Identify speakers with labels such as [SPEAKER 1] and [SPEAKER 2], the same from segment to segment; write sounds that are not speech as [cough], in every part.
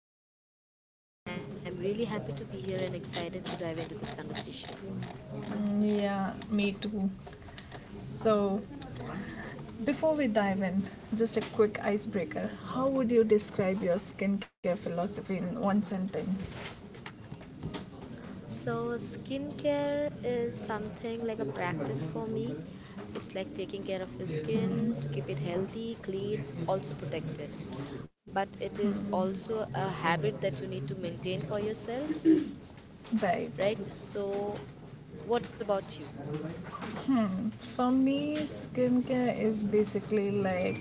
[SPEAKER 1] I'm good and I'm really happy to be here and excited to dive into this conversation.
[SPEAKER 2] Yeah, me too. So before we dive in, just a quick icebreaker. How would you describe your skincare philosophy in one sentence?
[SPEAKER 1] So, skincare is something like a practice for me. It's like taking care of your skin to keep it healthy, clean, also protected. But it is also a habit that you need to maintain for yourself,
[SPEAKER 2] Right.
[SPEAKER 1] right? So, what about you?
[SPEAKER 2] For me, skincare is basically like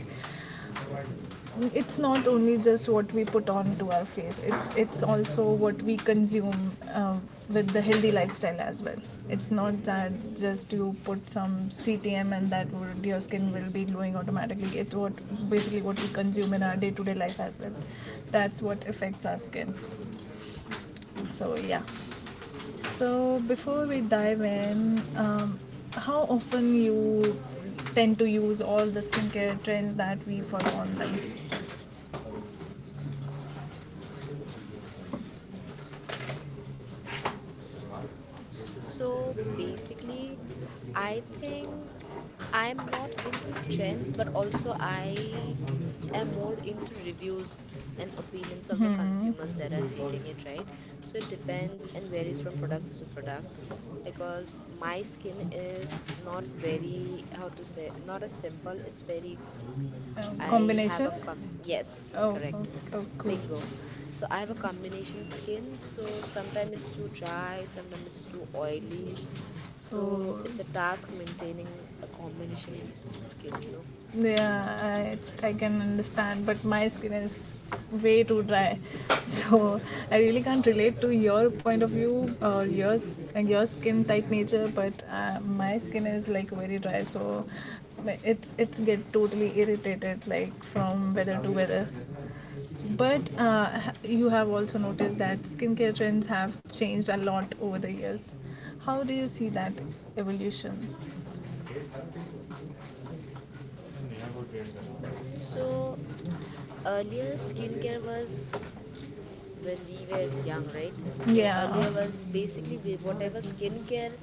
[SPEAKER 2] it's not only just what we put on to our face. it's also what we consume um, with the healthy lifestyle as well. It's not that just you put some CTM and that would, your skin will be glowing automatically. It's what basically what we consume in our day-to-day life as well. That's what affects our skin. So yeah. So before we dive in, how often you tend to use all the skincare trends that we follow online?
[SPEAKER 1] So basically, I think I'm not into trends, but also I am more into reviews and opinions of the consumers that are taking it, right? So it depends and varies from products to product because my skin is not very, how to say, not as simple. It's very, I have
[SPEAKER 2] Combination?
[SPEAKER 1] a, com yes,
[SPEAKER 2] Oh, oh,
[SPEAKER 1] correct.
[SPEAKER 2] oh cool.
[SPEAKER 1] Bingo. So I have a combination skin, so sometimes it's too dry, sometimes it's too oily. So
[SPEAKER 2] Oh,
[SPEAKER 1] it's a task maintaining a combination skin, you know.
[SPEAKER 2] yeah, I can understand, but my skin is way too dry, [laughs] so I really can't relate to your point of view or your your skin type nature. But my skin is like very dry, so it's get totally irritated like from weather to weather. But you have also noticed that skincare trends have changed a lot over the years. How do you see that evolution?
[SPEAKER 1] So earlier skincare was when we were young, right? So
[SPEAKER 2] Yeah,
[SPEAKER 1] earlier was basically whatever skincare.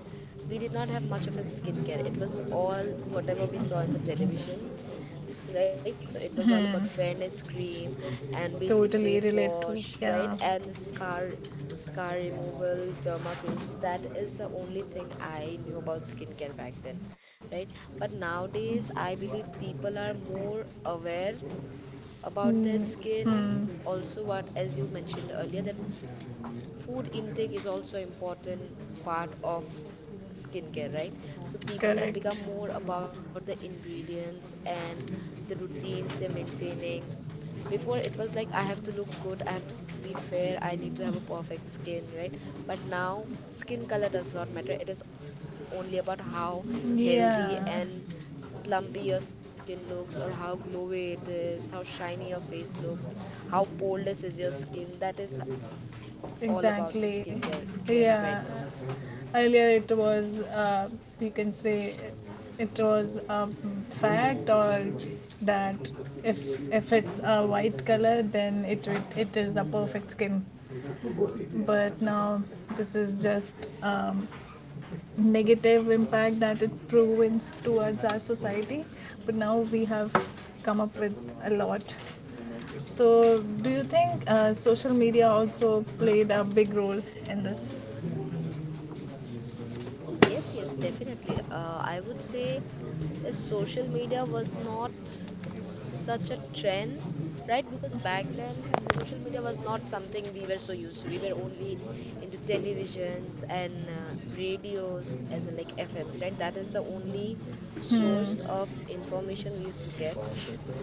[SPEAKER 1] We did not have much of a skincare. It was all whatever we saw in the televisions, right? So it was all about fairness cream and basic
[SPEAKER 2] totally
[SPEAKER 1] face
[SPEAKER 2] relate to.
[SPEAKER 1] wash, right?
[SPEAKER 2] Yeah.
[SPEAKER 1] And the scar removal, derma creams. That is the only thing I knew about skincare back then, right? But nowadays, I believe people are more aware about
[SPEAKER 2] Mm,
[SPEAKER 1] their skin.
[SPEAKER 2] hmm,
[SPEAKER 1] Also, what as you mentioned earlier, that food intake is also important part of skincare, right? So people have
[SPEAKER 2] correct.
[SPEAKER 1] become more about the ingredients and the routines they're maintaining. Before it was like I have to look good, I have to be fair, I need to have a perfect skin, right? But now skin color does not matter. It is only about how healthy
[SPEAKER 2] Yeah,
[SPEAKER 1] and plumpy your skin looks, or how glowy it is, how shiny your face looks, how poreless is your skin. That is all about the
[SPEAKER 2] exactly.
[SPEAKER 1] skincare trend right
[SPEAKER 2] Yeah.
[SPEAKER 1] now.
[SPEAKER 2] Earlier it was, you can say, it was a fact or that if it's a white color, then it is a perfect skin. But now this is just negative impact that it proves towards our society. But now we have come up with a lot. So, do you think social media also played a big role in this?
[SPEAKER 1] Yes, yes, definitely, I would say, if social media was not such a trend, right? Because back then social media was not something we were so used to. We were only into televisions and radios, as in like fms, right? That is the only source of information we used to get.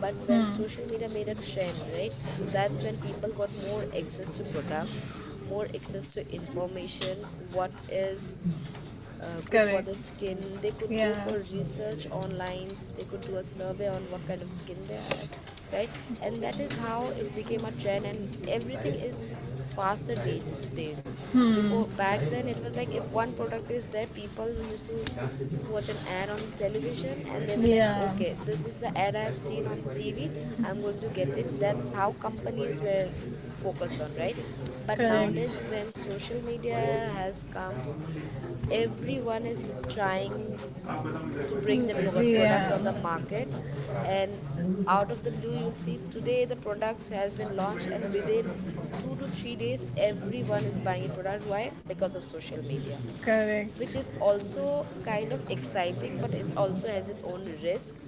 [SPEAKER 1] But when social media made a trend, right? So that's when people got more access to products, more access to information, what is good for
[SPEAKER 2] Correct.
[SPEAKER 1] the skin. They could go for
[SPEAKER 2] Yeah.
[SPEAKER 1] research online. They could do a survey on what kind of skin they have, right? And that is how it became a trend, and everything is faster these days.
[SPEAKER 2] Hmm.
[SPEAKER 1] Before, back then, it was like if one product is there, people used to watch an ad on the television and they were like,
[SPEAKER 2] Yeah.
[SPEAKER 1] okay, this is the ad I've seen on the TV. I'm going to get it. That's how companies were focused on, right? But
[SPEAKER 2] Correct.
[SPEAKER 1] nowadays, when social media has come, everyone is trying to bring the
[SPEAKER 2] Mm,
[SPEAKER 1] product on the
[SPEAKER 2] yeah.
[SPEAKER 1] market, and out of the blue you'll see today the product has been launched, and within 2 to 3 days everyone is buying a product. Why? Because of social media, which
[SPEAKER 2] Correct.
[SPEAKER 1] is also kind of exciting, but it also has its own risk.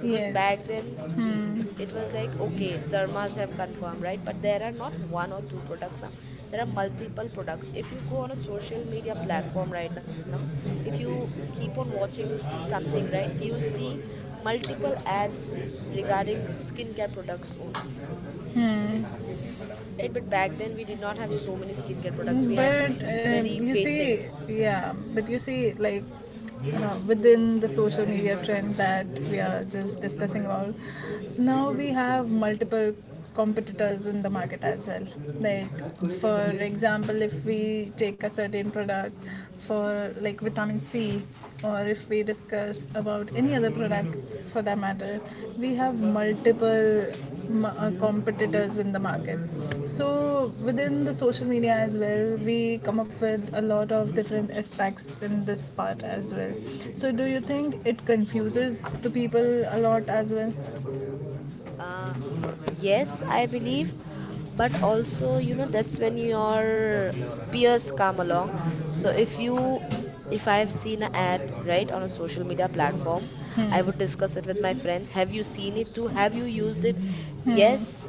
[SPEAKER 1] Because back
[SPEAKER 2] Yes.
[SPEAKER 1] then
[SPEAKER 2] Hmm.
[SPEAKER 1] it was like, okay, dharmas have confirmed, right? But there are not one or two products now. There are multiple products. If you go on a social media platform right now, if you keep on watching something, right, you'll see multiple ads regarding skincare products only,
[SPEAKER 2] Hmm.
[SPEAKER 1] right? But back then we did not have so many skincare products. We had
[SPEAKER 2] But
[SPEAKER 1] very
[SPEAKER 2] you see,
[SPEAKER 1] basics.
[SPEAKER 2] yeah, but you see, like, you know, within the social media trend that we are just discussing all, now we have multiple competitors in the market as well. Like, for example, if we take a certain product for like vitamin C, or if we discuss about any other product for that matter, we have multiple competitors in the market. So within the social media as well, we come up with a lot of different aspects in this part as well. So do you think it confuses the people a lot as well?
[SPEAKER 1] uh, yes, I believe. But also, that's when your peers come along. So if you, if I have seen an ad, right, on a social media platform, I would
[SPEAKER 2] Hmm.
[SPEAKER 1] discuss it with my friends. Have you seen it too? Have you used it?
[SPEAKER 2] Hmm,
[SPEAKER 1] Yes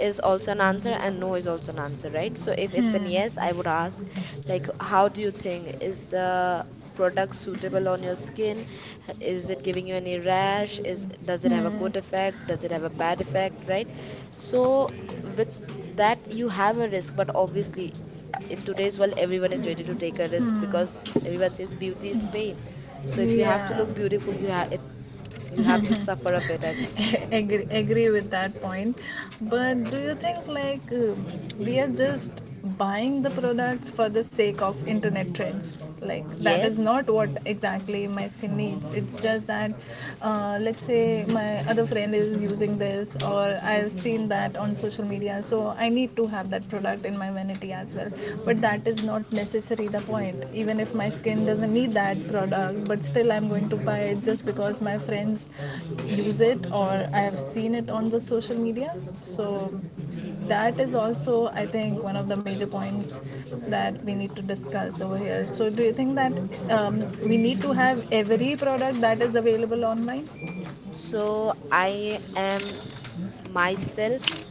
[SPEAKER 1] is also an answer and no is also an answer, right? So if it's an yes, I would ask, like, how do you think? Is the product suitable on your skin? Is it giving you any rash? Is, does it have a
[SPEAKER 2] hmm.
[SPEAKER 1] good effect? Does it have a bad effect, right? So with that you have a risk, but obviously in today's world everyone is ready to take a risk, because everyone says beauty is pain. So if you have to
[SPEAKER 2] Yeah.
[SPEAKER 1] look beautiful, you have it, you have to suffer a bit, I guess.
[SPEAKER 2] [laughs] Agree, agree with that point, but do you think like we are just buying the products for the sake of internet trends, like that is
[SPEAKER 1] Yes.
[SPEAKER 2] not what exactly my skin needs. It's just that let's say my other friend is using this, or I've seen that on social media, so I need to have that product in my vanity as well. But that is not necessary the point. Even if my skin doesn't need that product, but still I'm going to buy it just because my friends use it or I have seen it on the social media. So that is also, I think, one of the major points that we need to discuss over here. So do you think that we need to have every product that is available online?
[SPEAKER 1] So I am myself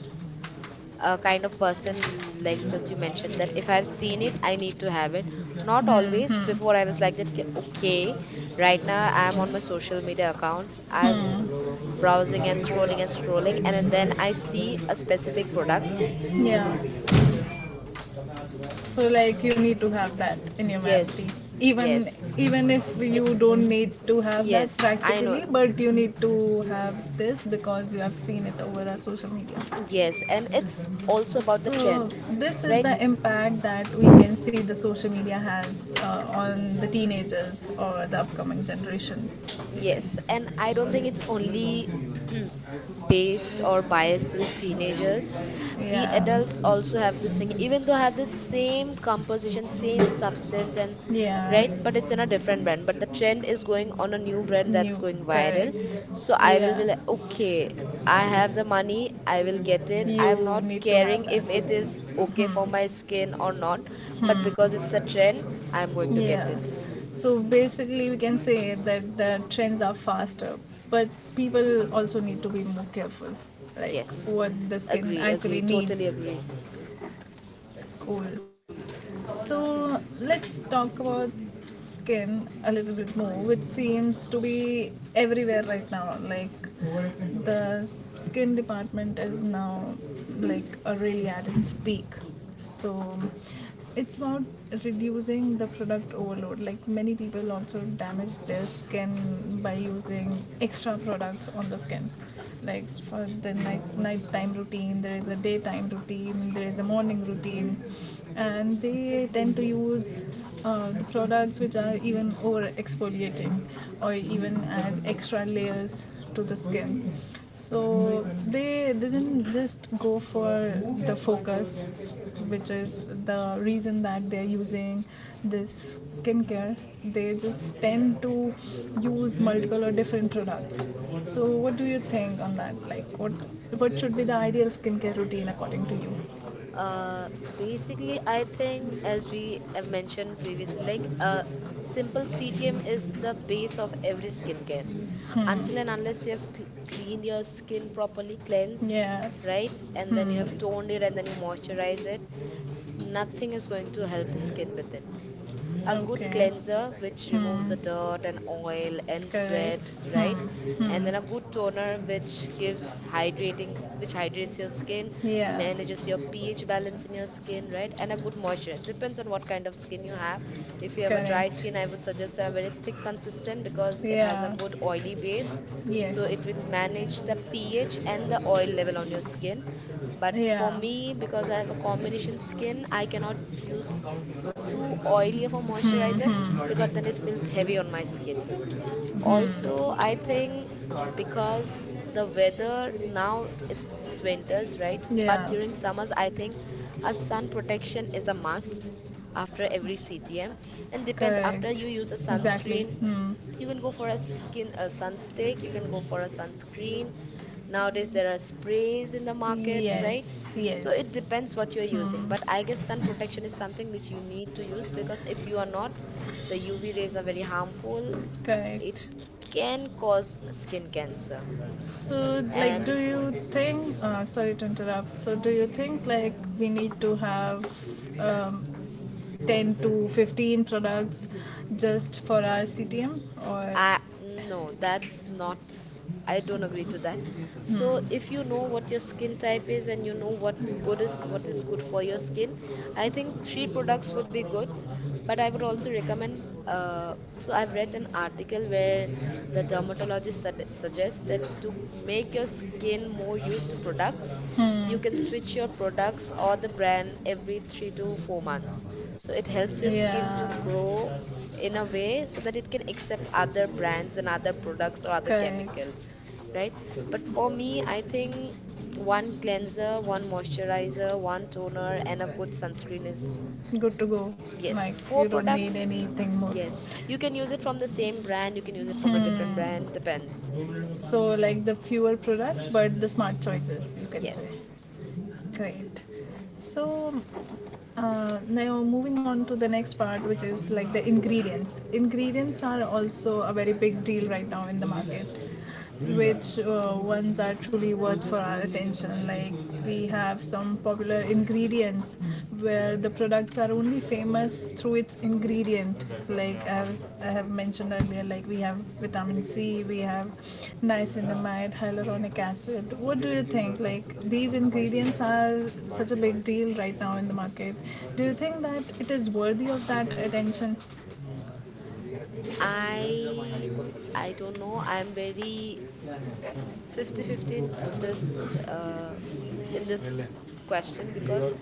[SPEAKER 1] a kind of person, like, just you mentioned, that if I've seen it, I need to have it. Not
[SPEAKER 2] Hmm,
[SPEAKER 1] always.
[SPEAKER 2] hmm,
[SPEAKER 1] Before I was like that, Okay, right now I'm on my social media accounts. I'm
[SPEAKER 2] hmm.
[SPEAKER 1] browsing and scrolling and scrolling, and then I see a specific product.
[SPEAKER 2] Yeah. So like you need to have that in humanity.
[SPEAKER 1] Yes,
[SPEAKER 2] Even,
[SPEAKER 1] yes,
[SPEAKER 2] even if
[SPEAKER 1] I-
[SPEAKER 2] you don't need to have that
[SPEAKER 1] yes, I know.
[SPEAKER 2] practically, but you need to have this because you have seen it over our social media.
[SPEAKER 1] Yes, and it's also about the
[SPEAKER 2] So
[SPEAKER 1] trend,
[SPEAKER 2] this is
[SPEAKER 1] right?
[SPEAKER 2] the impact that we can see the social media has on the teenagers or the upcoming generation. We say,
[SPEAKER 1] Yes, and I don't think it's only [clears throat] based or biased till teenagers. We
[SPEAKER 2] yeah,
[SPEAKER 1] adults also have this thing, even though have the same composition, same substance, and
[SPEAKER 2] yeah,
[SPEAKER 1] right, but it's in a different brand. But the trend is going on a new brand
[SPEAKER 2] new,
[SPEAKER 1] that's going viral.
[SPEAKER 2] correct,
[SPEAKER 1] So I will be
[SPEAKER 2] yeah.
[SPEAKER 1] like, okay, I have the money, I will get it. I'm
[SPEAKER 2] You
[SPEAKER 1] not
[SPEAKER 2] need to
[SPEAKER 1] caring
[SPEAKER 2] have that.
[SPEAKER 1] if it is okay for my skin or not, but because it's a trend, I'm going to get
[SPEAKER 2] Yeah.
[SPEAKER 1] it.
[SPEAKER 2] So basically, we can say that the trends are faster, but people also need to be more careful, like
[SPEAKER 1] Yes,
[SPEAKER 2] what the skin
[SPEAKER 1] agree, agree,
[SPEAKER 2] actually
[SPEAKER 1] totally
[SPEAKER 2] needs.
[SPEAKER 1] agree.
[SPEAKER 2] Cool. So let's talk about skin a little bit more, which seems to be everywhere right now. Like the skin department is now like a really at its peak. So it's about reducing the product overload. Like many people also damage their skin by using extra products on the skin, like for the nighttime routine, there is a daytime routine, there is a morning routine, and they tend to use the products which are even over exfoliating or even add extra layers to the skin. So they didn't just go for the focus, which is the reason that they're using this skincare. They just tend to use multiple or different products. So what do you think on that? Like what should be the ideal skincare routine according to you?
[SPEAKER 1] Uh, basically, I think, as we have mentioned previously, like, simple CTM is the base of every skincare. Until and unless you have cl cleaned your skin properly, cleansed,
[SPEAKER 2] Yeah,
[SPEAKER 1] right, and then you
[SPEAKER 2] hmm,
[SPEAKER 1] have toned it and then you moisturize it, nothing is going to help the skin with it. A good
[SPEAKER 2] okay,
[SPEAKER 1] cleanser which removes the dirt and oil and sweat,
[SPEAKER 2] correct. Hmm,
[SPEAKER 1] right, and
[SPEAKER 2] hmm.
[SPEAKER 1] then a good toner which gives hydrating, which hydrates your skin,
[SPEAKER 2] Yeah,
[SPEAKER 1] manages your ph balance in your skin, right? And a good moisture, it depends on what kind of skin you have. If you have a dry
[SPEAKER 2] correct.
[SPEAKER 1] skin, I would suggest a very thick consistent, because it has a
[SPEAKER 2] Yeah,
[SPEAKER 1] good oily base. So
[SPEAKER 2] yes.
[SPEAKER 1] it will manage the ph and the oil level on your skin. But for
[SPEAKER 2] Yeah.
[SPEAKER 1] me, because I have a combination skin, I cannot use too oily of a moisturizer,
[SPEAKER 2] Hmm, hmm,
[SPEAKER 1] because then it feels heavy on my skin.
[SPEAKER 2] hmm.
[SPEAKER 1] Also, I think, because the weather now it's winters, right? But during
[SPEAKER 2] Yeah.
[SPEAKER 1] summers, I think a sun protection is a must after every CTM, and depends after
[SPEAKER 2] Correct.
[SPEAKER 1] you use a
[SPEAKER 2] Exactly.
[SPEAKER 1] sunscreen.
[SPEAKER 2] Hmm.
[SPEAKER 1] You can go for a skin a sunstick, you can go for a sunscreen. Nowadays there are sprays in the market, right?
[SPEAKER 2] Yes.
[SPEAKER 1] So it
[SPEAKER 2] Yes.
[SPEAKER 1] depends what you're using.
[SPEAKER 2] Hmm.
[SPEAKER 1] But I guess sun protection is something which you need to use, because if you are not, the UV rays are very harmful. It
[SPEAKER 2] Correct.
[SPEAKER 1] can cause skin cancer.
[SPEAKER 2] So, like,
[SPEAKER 1] And
[SPEAKER 2] do you think? Sorry to interrupt. So, do you think like we need to have um, 10 to 15 products just for our CTM, or
[SPEAKER 1] I, no, that's not. I don't agree to that. So if you know what your skin type is and you know what's good is what is good for your skin, I think three products would be good. But I would also recommend. So I've read an article where the dermatologist suggests that to make your skin more used to products,
[SPEAKER 2] hmm,
[SPEAKER 1] you can switch your products or the brand every 3 to 4 months. So it helps your skin
[SPEAKER 2] yeah,
[SPEAKER 1] to grow in a way so that it can accept other brands and other products or other
[SPEAKER 2] correct.
[SPEAKER 1] chemicals, right? But for me, I think one cleanser, one moisturizer, one toner, and a good sunscreen is,
[SPEAKER 2] Good to go. Like
[SPEAKER 1] yes,
[SPEAKER 2] you
[SPEAKER 1] four
[SPEAKER 2] don't need
[SPEAKER 1] products.
[SPEAKER 2] anything more.
[SPEAKER 1] Yes, you can use it from the same brand, you can use it from a different brand, depends.
[SPEAKER 2] So like the fewer products, but the smart choices, you can say.
[SPEAKER 1] Yes.
[SPEAKER 2] Great. So now moving on to the next part, which is like the ingredients. Ingredients are also a very big deal right now in the market. Which ones are truly worth for our attention? Like we have some popular ingredients where the products are only famous through its ingredient. Like I have mentioned earlier, like we have vitamin C, we have niacinamide, hyaluronic acid. What do you think, like these ingredients are such a big deal right now in the market? Do you think that it is worthy of that attention?
[SPEAKER 1] I don't know. I'm very 50 fifty this uh in this question, because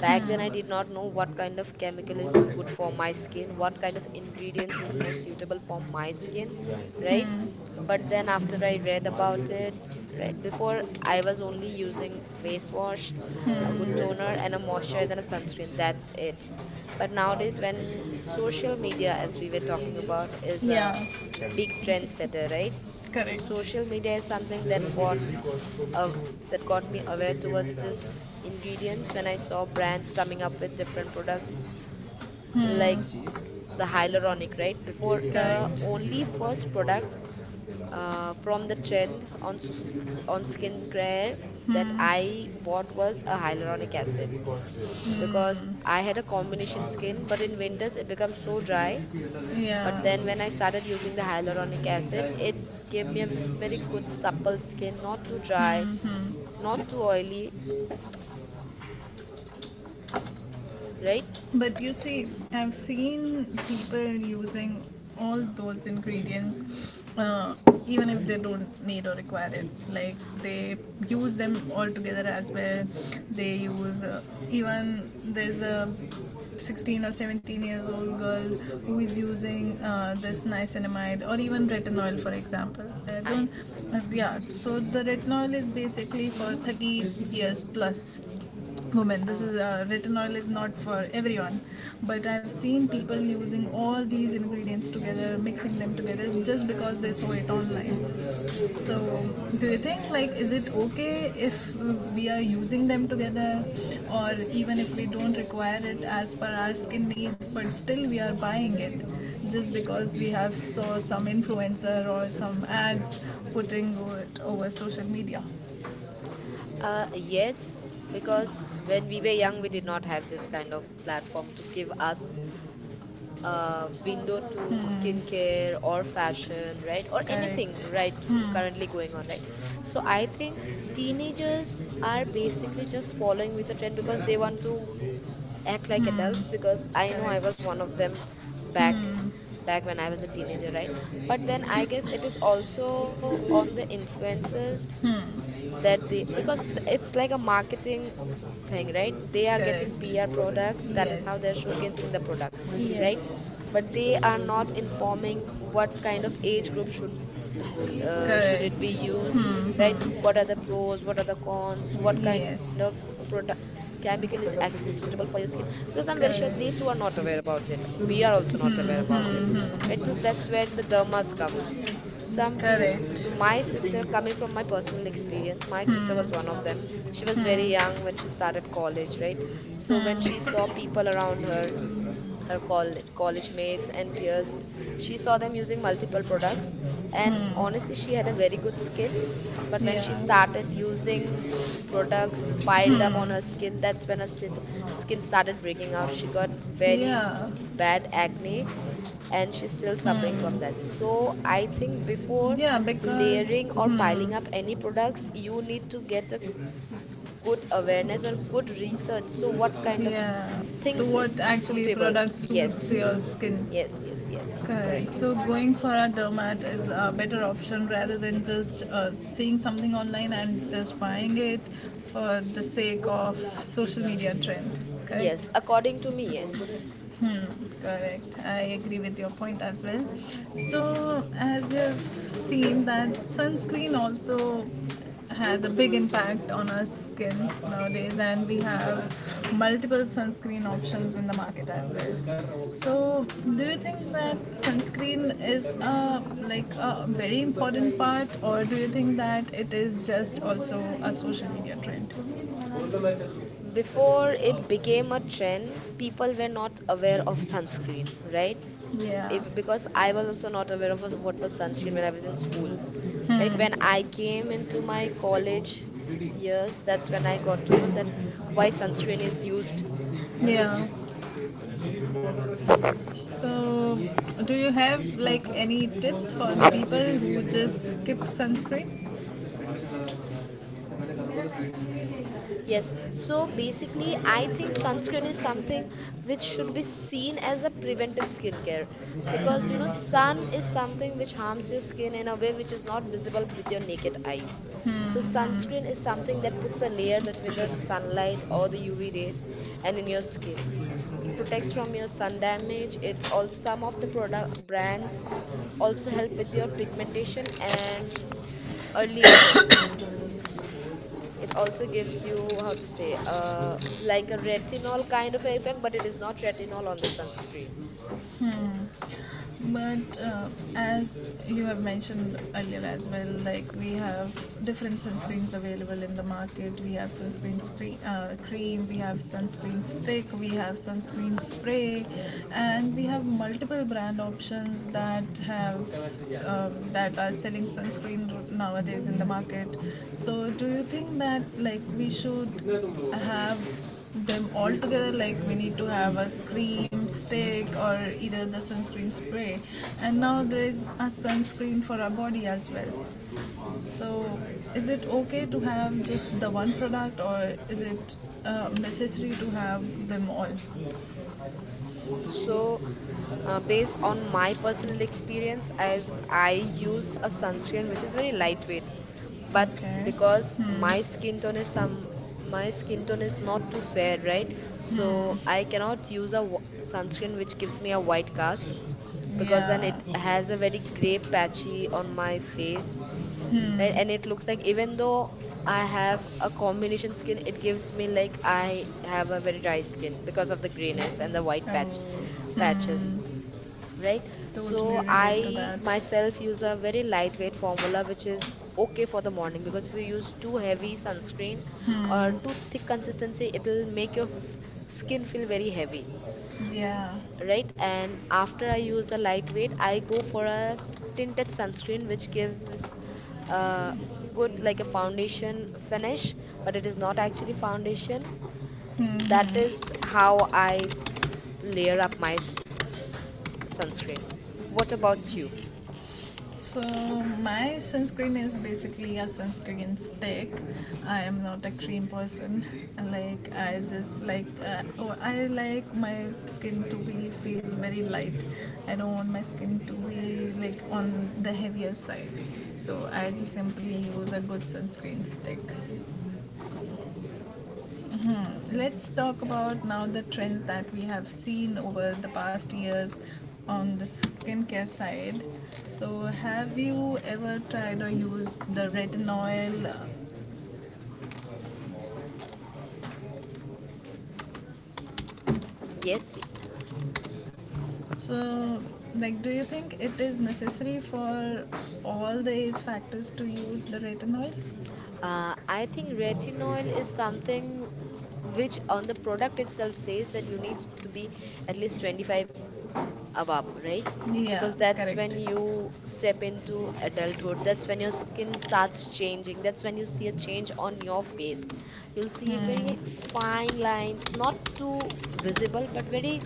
[SPEAKER 1] back then, I did not know what kind of chemical is good for my skin, what kind of ingredients is most suitable for my skin, right?
[SPEAKER 2] Hmm.
[SPEAKER 1] But then, after I read about it, right, before I was only using face wash, a good
[SPEAKER 2] Hmm.
[SPEAKER 1] toner, and a moisturizer and a sunscreen. That's
[SPEAKER 2] Hmm.
[SPEAKER 1] it. But nowadays, when social media, as we were talking about, is
[SPEAKER 2] या
[SPEAKER 1] a big trendsetter, right? So
[SPEAKER 2] correct.
[SPEAKER 1] social media is something that bought,
[SPEAKER 2] delivery cost को भी
[SPEAKER 1] uh,
[SPEAKER 2] तू
[SPEAKER 1] that got me aware
[SPEAKER 2] shipping fee में ही
[SPEAKER 1] towards
[SPEAKER 2] डाल
[SPEAKER 1] this
[SPEAKER 2] रहा है.
[SPEAKER 1] ingredients when I saw brands coming up with different products like
[SPEAKER 2] hmm.
[SPEAKER 1] the hyaluronic, right? Before, the
[SPEAKER 2] correct.
[SPEAKER 1] only
[SPEAKER 2] पता नहीं
[SPEAKER 1] first
[SPEAKER 2] कुछ और ले
[SPEAKER 1] product,
[SPEAKER 2] रहा है.
[SPEAKER 1] from the trend on on skincare that I bought was a
[SPEAKER 2] shipping fee ले
[SPEAKER 1] hyaluronic
[SPEAKER 2] रहा है,
[SPEAKER 1] acid,
[SPEAKER 2] डिलीवरी कॉस्ट ले रहा
[SPEAKER 1] because I had a combination skin, but in winters it becomes so dry.
[SPEAKER 2] है, या
[SPEAKER 1] But then when I started using the hyaluronic acid, it gave me a very good supple skin, not too dry,
[SPEAKER 2] hmm hmm.
[SPEAKER 1] not too oily, right?
[SPEAKER 2] But you see, I've seen people using all those ingredients, even if they don't need or require it. Like they use them all together as well. They use even there's a 16 or 17 years old girl who is using this niacinamide or even retinol, for example. I don't,
[SPEAKER 1] And
[SPEAKER 2] yeah. So the retinol is basically for 30 years plus women. This
[SPEAKER 1] uh,
[SPEAKER 2] is retinol is not for everyone. But I've seen people using all these ingredients together, mixing them together, just because they saw it online. So do you think like is it okay if we are using them together, or even if we don't require it as per our skin needs, but still we are buying it just because we have saw some influencer or some ads putting it over social media?
[SPEAKER 1] Yes, because when we were young, we did not have this kind of platform to give us a window to skincare or fashion, right? Or
[SPEAKER 2] Correct.
[SPEAKER 1] anything, right?
[SPEAKER 2] Hmm.
[SPEAKER 1] Currently going on, right? So I think teenagers are basically just following with the trend because they want to act like
[SPEAKER 2] Hmm.
[SPEAKER 1] adults. Because I know I was one
[SPEAKER 2] Correct.
[SPEAKER 1] of them back
[SPEAKER 2] Hmm.
[SPEAKER 1] back when I was a teenager, right? But then I guess it is also on the influencers that they because th- it's like a marketing thing, right? They are getting
[SPEAKER 2] Correct.
[SPEAKER 1] pr products. That is how
[SPEAKER 2] Yes.
[SPEAKER 1] they're showcasing the product, right?
[SPEAKER 2] Yes.
[SPEAKER 1] But they are not informing what kind of age group should should it be
[SPEAKER 2] Correct.
[SPEAKER 1] used,
[SPEAKER 2] Hmm,
[SPEAKER 1] right? What
[SPEAKER 2] hmm.
[SPEAKER 1] are the pros? What are the cons? What kind of
[SPEAKER 2] Yes.
[SPEAKER 1] product chemical is actually suitable for your skin? Because I'm very sure they too are
[SPEAKER 2] Correct.
[SPEAKER 1] not aware about it. We are also not aware about it,
[SPEAKER 2] Hmm,
[SPEAKER 1] right?
[SPEAKER 2] hmm.
[SPEAKER 1] So that's where the dermas come. Some teen
[SPEAKER 2] Correct.
[SPEAKER 1] so my sister, coming from my personal experience, my sister was one of them. She was very young when she started college, right? So when she saw people around her, her college mates and peers, she saw them using multiple products, and honestly she had a very good skin, but when she
[SPEAKER 2] Yeah.
[SPEAKER 1] started using products piled up on her skin, that's when her skin started breaking out. She got very
[SPEAKER 2] Yeah.
[SPEAKER 1] bad acne, and she's still suffering from that. So I think before
[SPEAKER 2] Yeah. Because.
[SPEAKER 1] layering or
[SPEAKER 2] Hmm.
[SPEAKER 1] piling up any products, you need to get a good awareness or good research, so what kind of
[SPEAKER 2] Yeah. So
[SPEAKER 1] things is
[SPEAKER 2] what actually
[SPEAKER 1] suitable.
[SPEAKER 2] product suits
[SPEAKER 1] Yes.
[SPEAKER 2] your skin?
[SPEAKER 1] Yes, yes, yes,
[SPEAKER 2] Correct.
[SPEAKER 1] correct.
[SPEAKER 2] So going for a doormat is a better option rather than just seeing something online and just buying it for the sake of social media trend. Correct.
[SPEAKER 1] Yes, according to me, yes.
[SPEAKER 2] Correct. I agree with your point as well. So, as you've seen, that sunscreen also has a big impact on our skin nowadays, and we have multiple sunscreen options in the market as well. So, do you think that sunscreen is a like a very important part, or do you think that it is just also a social media trend?
[SPEAKER 1] Before it became a trend, people were not aware of sunscreen, right?
[SPEAKER 2] Yeah.
[SPEAKER 1] If, because I was also not aware of what was sunscreen when I was in school, right? When I
[SPEAKER 2] Hmm.
[SPEAKER 1] came into my college years, that's when I got to know that why sunscreen is used.
[SPEAKER 2] Yeah. So, do you have like any tips for the people who just skip sunscreen?
[SPEAKER 1] Yes, so basically, I think sunscreen is something which should be seen as a preventive skincare, because you know,
[SPEAKER 2] Hmm.
[SPEAKER 1] sun is something which harms your skin in a way which is not visible with your naked eyes. So,
[SPEAKER 2] Hmm,
[SPEAKER 1] sunscreen
[SPEAKER 2] hmm.
[SPEAKER 1] is something that puts a layer between the sunlight or the UV rays and in your skin. It protects from your sun damage. It also, some of the product brands also help with your pigmentation and early aging. It also gives you, how to say, like a retinol kind of effect, but it is not retinol on the sunscreen.
[SPEAKER 2] But as you have mentioned earlier as well, like we have different sunscreens available in the market. We have sunscreen screen, cream, we have sunscreen stick, we have sunscreen spray, and we have multiple brand options that have that are selling sunscreen nowadays in the market. So do you think that like we should have them all together, like we need to have a cream stick or either the sunscreen spray, and now there is a sunscreen for our body as well? So is it okay to have just the one product, or is it necessary to have them all?
[SPEAKER 1] So, based on my personal experience, I use a sunscreen which is very lightweight, but
[SPEAKER 2] Okay,
[SPEAKER 1] because
[SPEAKER 2] hmm,
[SPEAKER 1] my skin tone is not too fair, right? So I cannot use a sunscreen which gives me a white cast, because then
[SPEAKER 2] yeah,
[SPEAKER 1] it has a very gray patchy on my face, right? And
[SPEAKER 2] hmm,
[SPEAKER 1] it looks like even though I have a combination skin, it gives me like I have a very dry skin because of the grayness and the white patch
[SPEAKER 2] oh, hmm,
[SPEAKER 1] patches, right?
[SPEAKER 2] totally
[SPEAKER 1] So
[SPEAKER 2] relate to
[SPEAKER 1] I
[SPEAKER 2] that,
[SPEAKER 1] myself use a very lightweight formula which is okay for the morning, because if you use too heavy sunscreen or
[SPEAKER 2] hmm,
[SPEAKER 1] too thick consistency, it'll make your skin feel very heavy,
[SPEAKER 2] yeah.
[SPEAKER 1] right? And after I use a lightweight, I go for a tinted sunscreen which gives a good, like a foundation finish, but it is not actually foundation. That is how I layer up my sunscreen. What about you?
[SPEAKER 2] So my sunscreen is basically a sunscreen stick. I am not a cream person. Like I just like I like my skin to be feel very light. I don't want my skin to be like on the heavier side. So I just simply use a good sunscreen stick. Let's talk about now the trends that we have seen over the past years on the skincare side. So, have you ever tried or used the retinol?
[SPEAKER 1] Yes,
[SPEAKER 2] So, like, do you think it is necessary for all the age factors to use the retinol?
[SPEAKER 1] I think retinol is something which on the product itself says that you need to be at least 25 above, right?
[SPEAKER 2] Yeah,
[SPEAKER 1] Because that's when
[SPEAKER 2] correct.
[SPEAKER 1] you step into adulthood. That's when your skin starts changing. That's when you see a change on your face. You'll see very
[SPEAKER 2] Hmm.
[SPEAKER 1] fine lines, not too visible, but very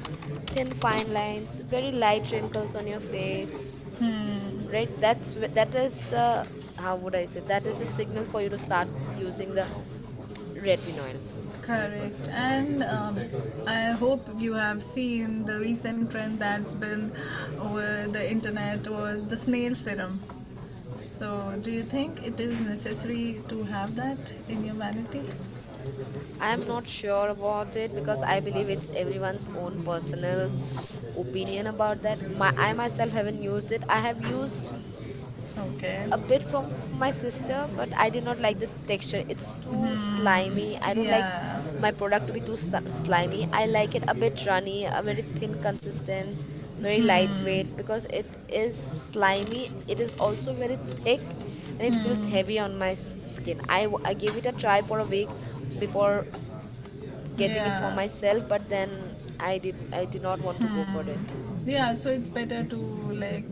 [SPEAKER 1] thin fine lines, very light wrinkles on your face,
[SPEAKER 2] Hmm.
[SPEAKER 1] right? That's wh- that is the how would I say? That is a signal for you to start using the retinol.
[SPEAKER 2] Correct. And I hope you have seen the recent trend that's been over the internet was the snail serum. So, do you think it is necessary to have that in humanity?
[SPEAKER 1] I'm not sure about it because I believe it's everyone's own personal opinion about that. I myself haven't used it. I have used s-
[SPEAKER 2] Okay.
[SPEAKER 1] a bit from my sister, but I did not like the texture. It's too slimy. I don't
[SPEAKER 2] Hmm.
[SPEAKER 1] like
[SPEAKER 2] Yeah.
[SPEAKER 1] my product to be too slimy. I like it a bit runny, a very thin consistent, very lightweight,
[SPEAKER 2] Hmm.
[SPEAKER 1] because it is slimy. It is also very thick and it feels
[SPEAKER 2] Hmm.
[SPEAKER 1] heavy on my skin. I gave it a try for a week before getting it for
[SPEAKER 2] Yeah.
[SPEAKER 1] myself, but then I did not want to go for it.
[SPEAKER 2] Yeah, so it's better to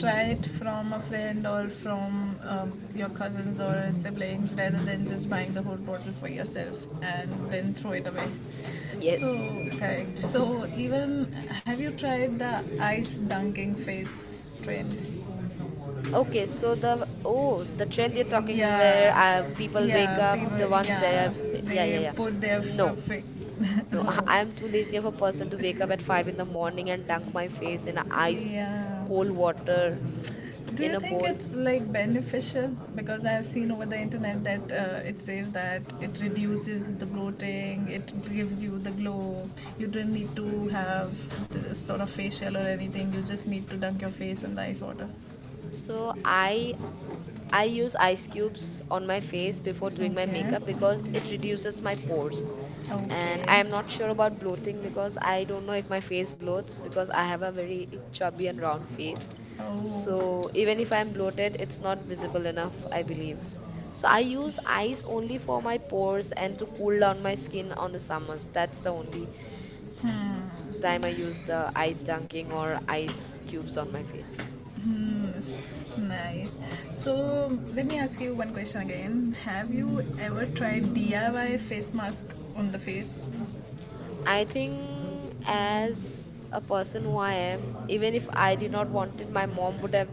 [SPEAKER 2] try it from a friend or from your cousins or siblings rather than just buying the whole bottle for yourself and then throw it away. So
[SPEAKER 1] Yes.
[SPEAKER 2] correct. So even have you tried the ice dunking face trend?
[SPEAKER 1] Okay, so the trend you're talking where
[SPEAKER 2] Yeah,
[SPEAKER 1] people wake
[SPEAKER 2] yeah,
[SPEAKER 1] up,
[SPEAKER 2] people,
[SPEAKER 1] the ones that
[SPEAKER 2] yeah,
[SPEAKER 1] are, yeah,
[SPEAKER 2] they
[SPEAKER 1] yeah, yeah,
[SPEAKER 2] put their
[SPEAKER 1] no,
[SPEAKER 2] [laughs]
[SPEAKER 1] no. [laughs] I,
[SPEAKER 2] oh,
[SPEAKER 1] I'm too lazy of a person to wake up at 5 in the morning and dunk my face in ice
[SPEAKER 2] yeah.
[SPEAKER 1] cold water
[SPEAKER 2] Do you
[SPEAKER 1] in a
[SPEAKER 2] think
[SPEAKER 1] bowl.
[SPEAKER 2] it's like beneficial? Because I've seen over the internet that it says that it reduces the bloating, it gives you the glow. You don't need to have this sort of facial or anything. You just need to dunk your face in the ice water.
[SPEAKER 1] So I use ice cubes on my face before doing my
[SPEAKER 2] Okay.
[SPEAKER 1] makeup because it reduces my pores. And
[SPEAKER 2] Okay.
[SPEAKER 1] I am not sure about bloating because I don't know if my face bloats because I have a very chubby and round face.
[SPEAKER 2] Oh,
[SPEAKER 1] So even if I'm bloated, it's not visible enough, I believe. So I use ice only for my pores and to cool down my skin on the summers. That's the only time I use the ice dunking or ice cubes on my face.
[SPEAKER 2] mm, s- nice. So let me ask you one question again. Have you ever tried DIY face mask on the face?
[SPEAKER 1] I think as a person who I am, even if I did not want it, my mom would have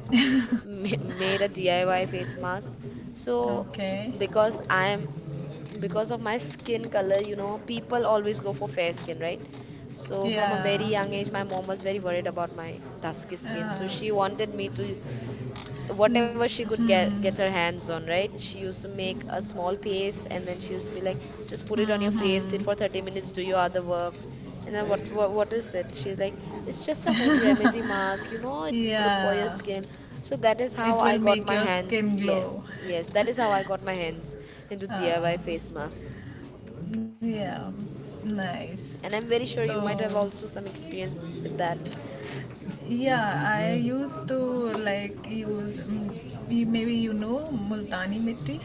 [SPEAKER 1] made a DIY face mask. So
[SPEAKER 2] Okay.
[SPEAKER 1] because I am because of my skin color, people always go for fair skin, right? So from a very
[SPEAKER 2] Yeah.
[SPEAKER 1] young age, my mom was very worried about my dusky skin. So
[SPEAKER 2] Uh,
[SPEAKER 1] she wanted me to, whatever she could get her hands on, right? She used to make a small paste, and then she used to be like, just put it on your face, sit
[SPEAKER 2] hmm.
[SPEAKER 1] for 30 minutes, do your other work. And then what is it? She's like, it's just a home remedy mask, it is good for your
[SPEAKER 2] Yeah,
[SPEAKER 1] skin. So that is how
[SPEAKER 2] it
[SPEAKER 1] I
[SPEAKER 2] will
[SPEAKER 1] got
[SPEAKER 2] make
[SPEAKER 1] my
[SPEAKER 2] your
[SPEAKER 1] hands.
[SPEAKER 2] skin
[SPEAKER 1] Yes,
[SPEAKER 2] glow.
[SPEAKER 1] yes, that is how I got my hands into DIY face masks.
[SPEAKER 2] Yeah, nice.
[SPEAKER 1] And I'm very sure you might
[SPEAKER 2] So,
[SPEAKER 1] have also some experience with that.
[SPEAKER 2] yeah, I used to like use maybe you know Multani mitti.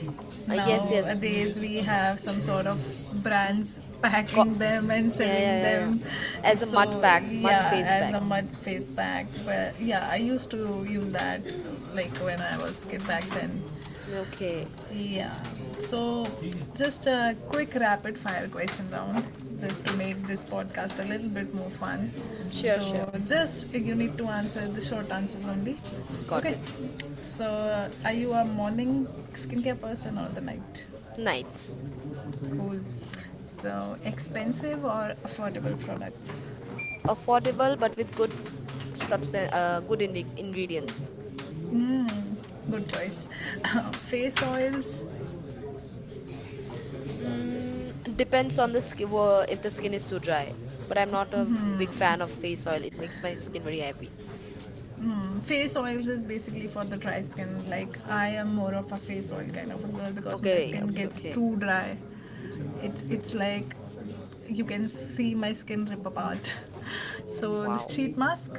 [SPEAKER 1] Yes, yes.
[SPEAKER 2] Nowadays we have some sort of
[SPEAKER 1] Mm,
[SPEAKER 2] brands
[SPEAKER 1] co-
[SPEAKER 2] packing them and
[SPEAKER 1] yeah, yeah,
[SPEAKER 2] selling
[SPEAKER 1] yeah, yeah.
[SPEAKER 2] them.
[SPEAKER 1] As a mud
[SPEAKER 2] So
[SPEAKER 1] pack, mud
[SPEAKER 2] yeah,
[SPEAKER 1] face
[SPEAKER 2] as
[SPEAKER 1] pack.
[SPEAKER 2] a mud face pack. But yeah, I used to use that like when I was kid back then.
[SPEAKER 1] Okay.
[SPEAKER 2] Yeah. So, just a quick rapid fire question round, just to make this podcast a little bit more fun.
[SPEAKER 1] Sure,
[SPEAKER 2] So,
[SPEAKER 1] sure.
[SPEAKER 2] just you need to answer the short answers only.
[SPEAKER 1] Got
[SPEAKER 2] Okay.
[SPEAKER 1] it.
[SPEAKER 2] So, are you a morning skincare person or the night?
[SPEAKER 1] Ninth,
[SPEAKER 2] Cool. So, expensive or affordable products?
[SPEAKER 1] affordable but with good substance, good in ingredients.
[SPEAKER 2] Good choice. [laughs] Face oils,
[SPEAKER 1] Depends on the skin, if the skin is too dry. But I'm not a big fan of face oil. It makes my skin very heavy.
[SPEAKER 2] face oils is basically for the dry skin. Like, I am more of a face oil kind of a girl because my
[SPEAKER 1] Okay,
[SPEAKER 2] skin
[SPEAKER 1] okay,
[SPEAKER 2] gets
[SPEAKER 1] okay.
[SPEAKER 2] too dry. It's like you can see my skin rip apart. [laughs] So the
[SPEAKER 1] Wow.
[SPEAKER 2] sheet mask,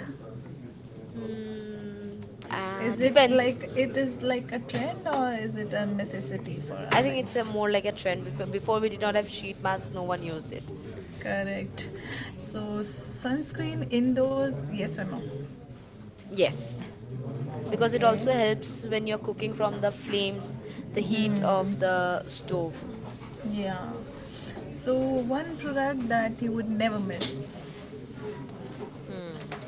[SPEAKER 2] is it
[SPEAKER 1] Depends.
[SPEAKER 2] like, it is like a trend or is it a necessity for
[SPEAKER 1] I
[SPEAKER 2] our
[SPEAKER 1] think it's a
[SPEAKER 2] life?
[SPEAKER 1] more like a trend. Before we did not have sheet masks, no one used it.
[SPEAKER 2] Correct. So sunscreen indoors, yes or no?
[SPEAKER 1] Yes, because it
[SPEAKER 2] Okay.
[SPEAKER 1] also helps when you're cooking from the flames, the heat of
[SPEAKER 2] Hmm.
[SPEAKER 1] the stove.
[SPEAKER 2] Yeah. So one product that you would never miss.
[SPEAKER 1] Hmm.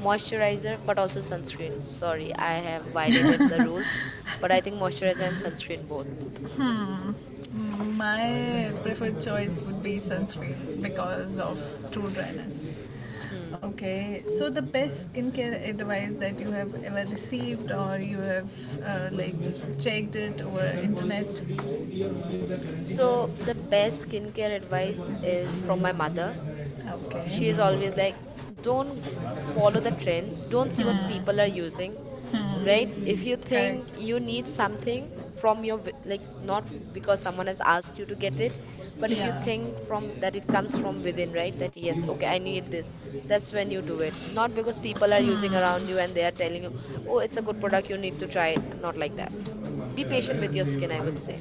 [SPEAKER 1] Moisturizer, but also sunscreen. Sorry, I have violated the rules, but I think moisturizer and sunscreen both.
[SPEAKER 2] My preferred choice would be sunscreen because of true dryness.
[SPEAKER 1] Hmm.
[SPEAKER 2] Okay, so the best skincare advice that you have ever received or you have like checked it over internet?
[SPEAKER 1] So the best skincare advice is from my mother. She
[SPEAKER 2] Okay,
[SPEAKER 1] is always like, don't follow the trends, don't see what people are using, right? If you
[SPEAKER 2] correct.
[SPEAKER 1] think you need something like, not because someone has asked you to get it, but if you
[SPEAKER 2] Yeah,
[SPEAKER 1] think from that it comes from within, right? That yes, okay, I need this. That's when you do it. Not because people are using around you and they are telling you, oh, it's a good product, you need to try it. Not like that. Be patient with your skin, I would say.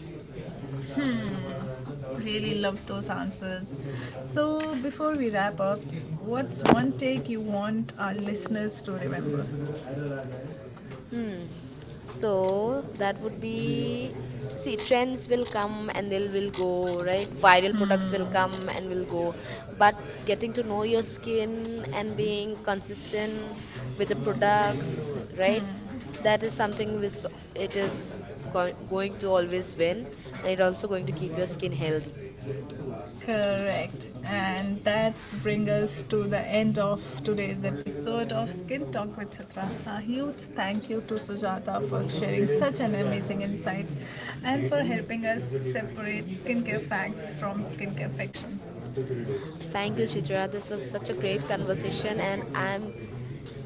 [SPEAKER 2] really love those answers. So before we wrap up, what's one take you want our listeners to remember?
[SPEAKER 1] Hmm. So that would be, see, trends will come and they will go, right? Viral products will come and will go. But getting to know your skin and being consistent with the products, right? That is something it is go going to always win, and it also going to keep your skin healthy.
[SPEAKER 2] Correct. And that's bring us to the end of today's episode of Skin Talk with Chitra. A huge thank you to Sujata for sharing such an amazing insights and for helping us separate skincare facts from skincare fiction.
[SPEAKER 1] Thank you, Chitra. This was such a great conversation and I'm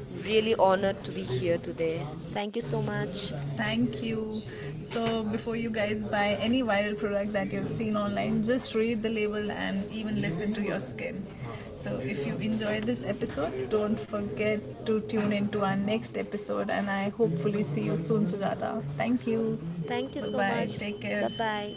[SPEAKER 1] really honored to be here today. Thank you so much.
[SPEAKER 2] Thank you. So, before you guys buy any viral product that you've seen online, just read the label and even listen to your skin. So, if you enjoyed this episode, don't forget to tune into our next episode, and I hopefully see you soon, Sujata. Thank you.
[SPEAKER 1] Thank you
[SPEAKER 2] Bye
[SPEAKER 1] so
[SPEAKER 2] bye.
[SPEAKER 1] much.
[SPEAKER 2] Take
[SPEAKER 1] Bye
[SPEAKER 2] care.
[SPEAKER 1] bye.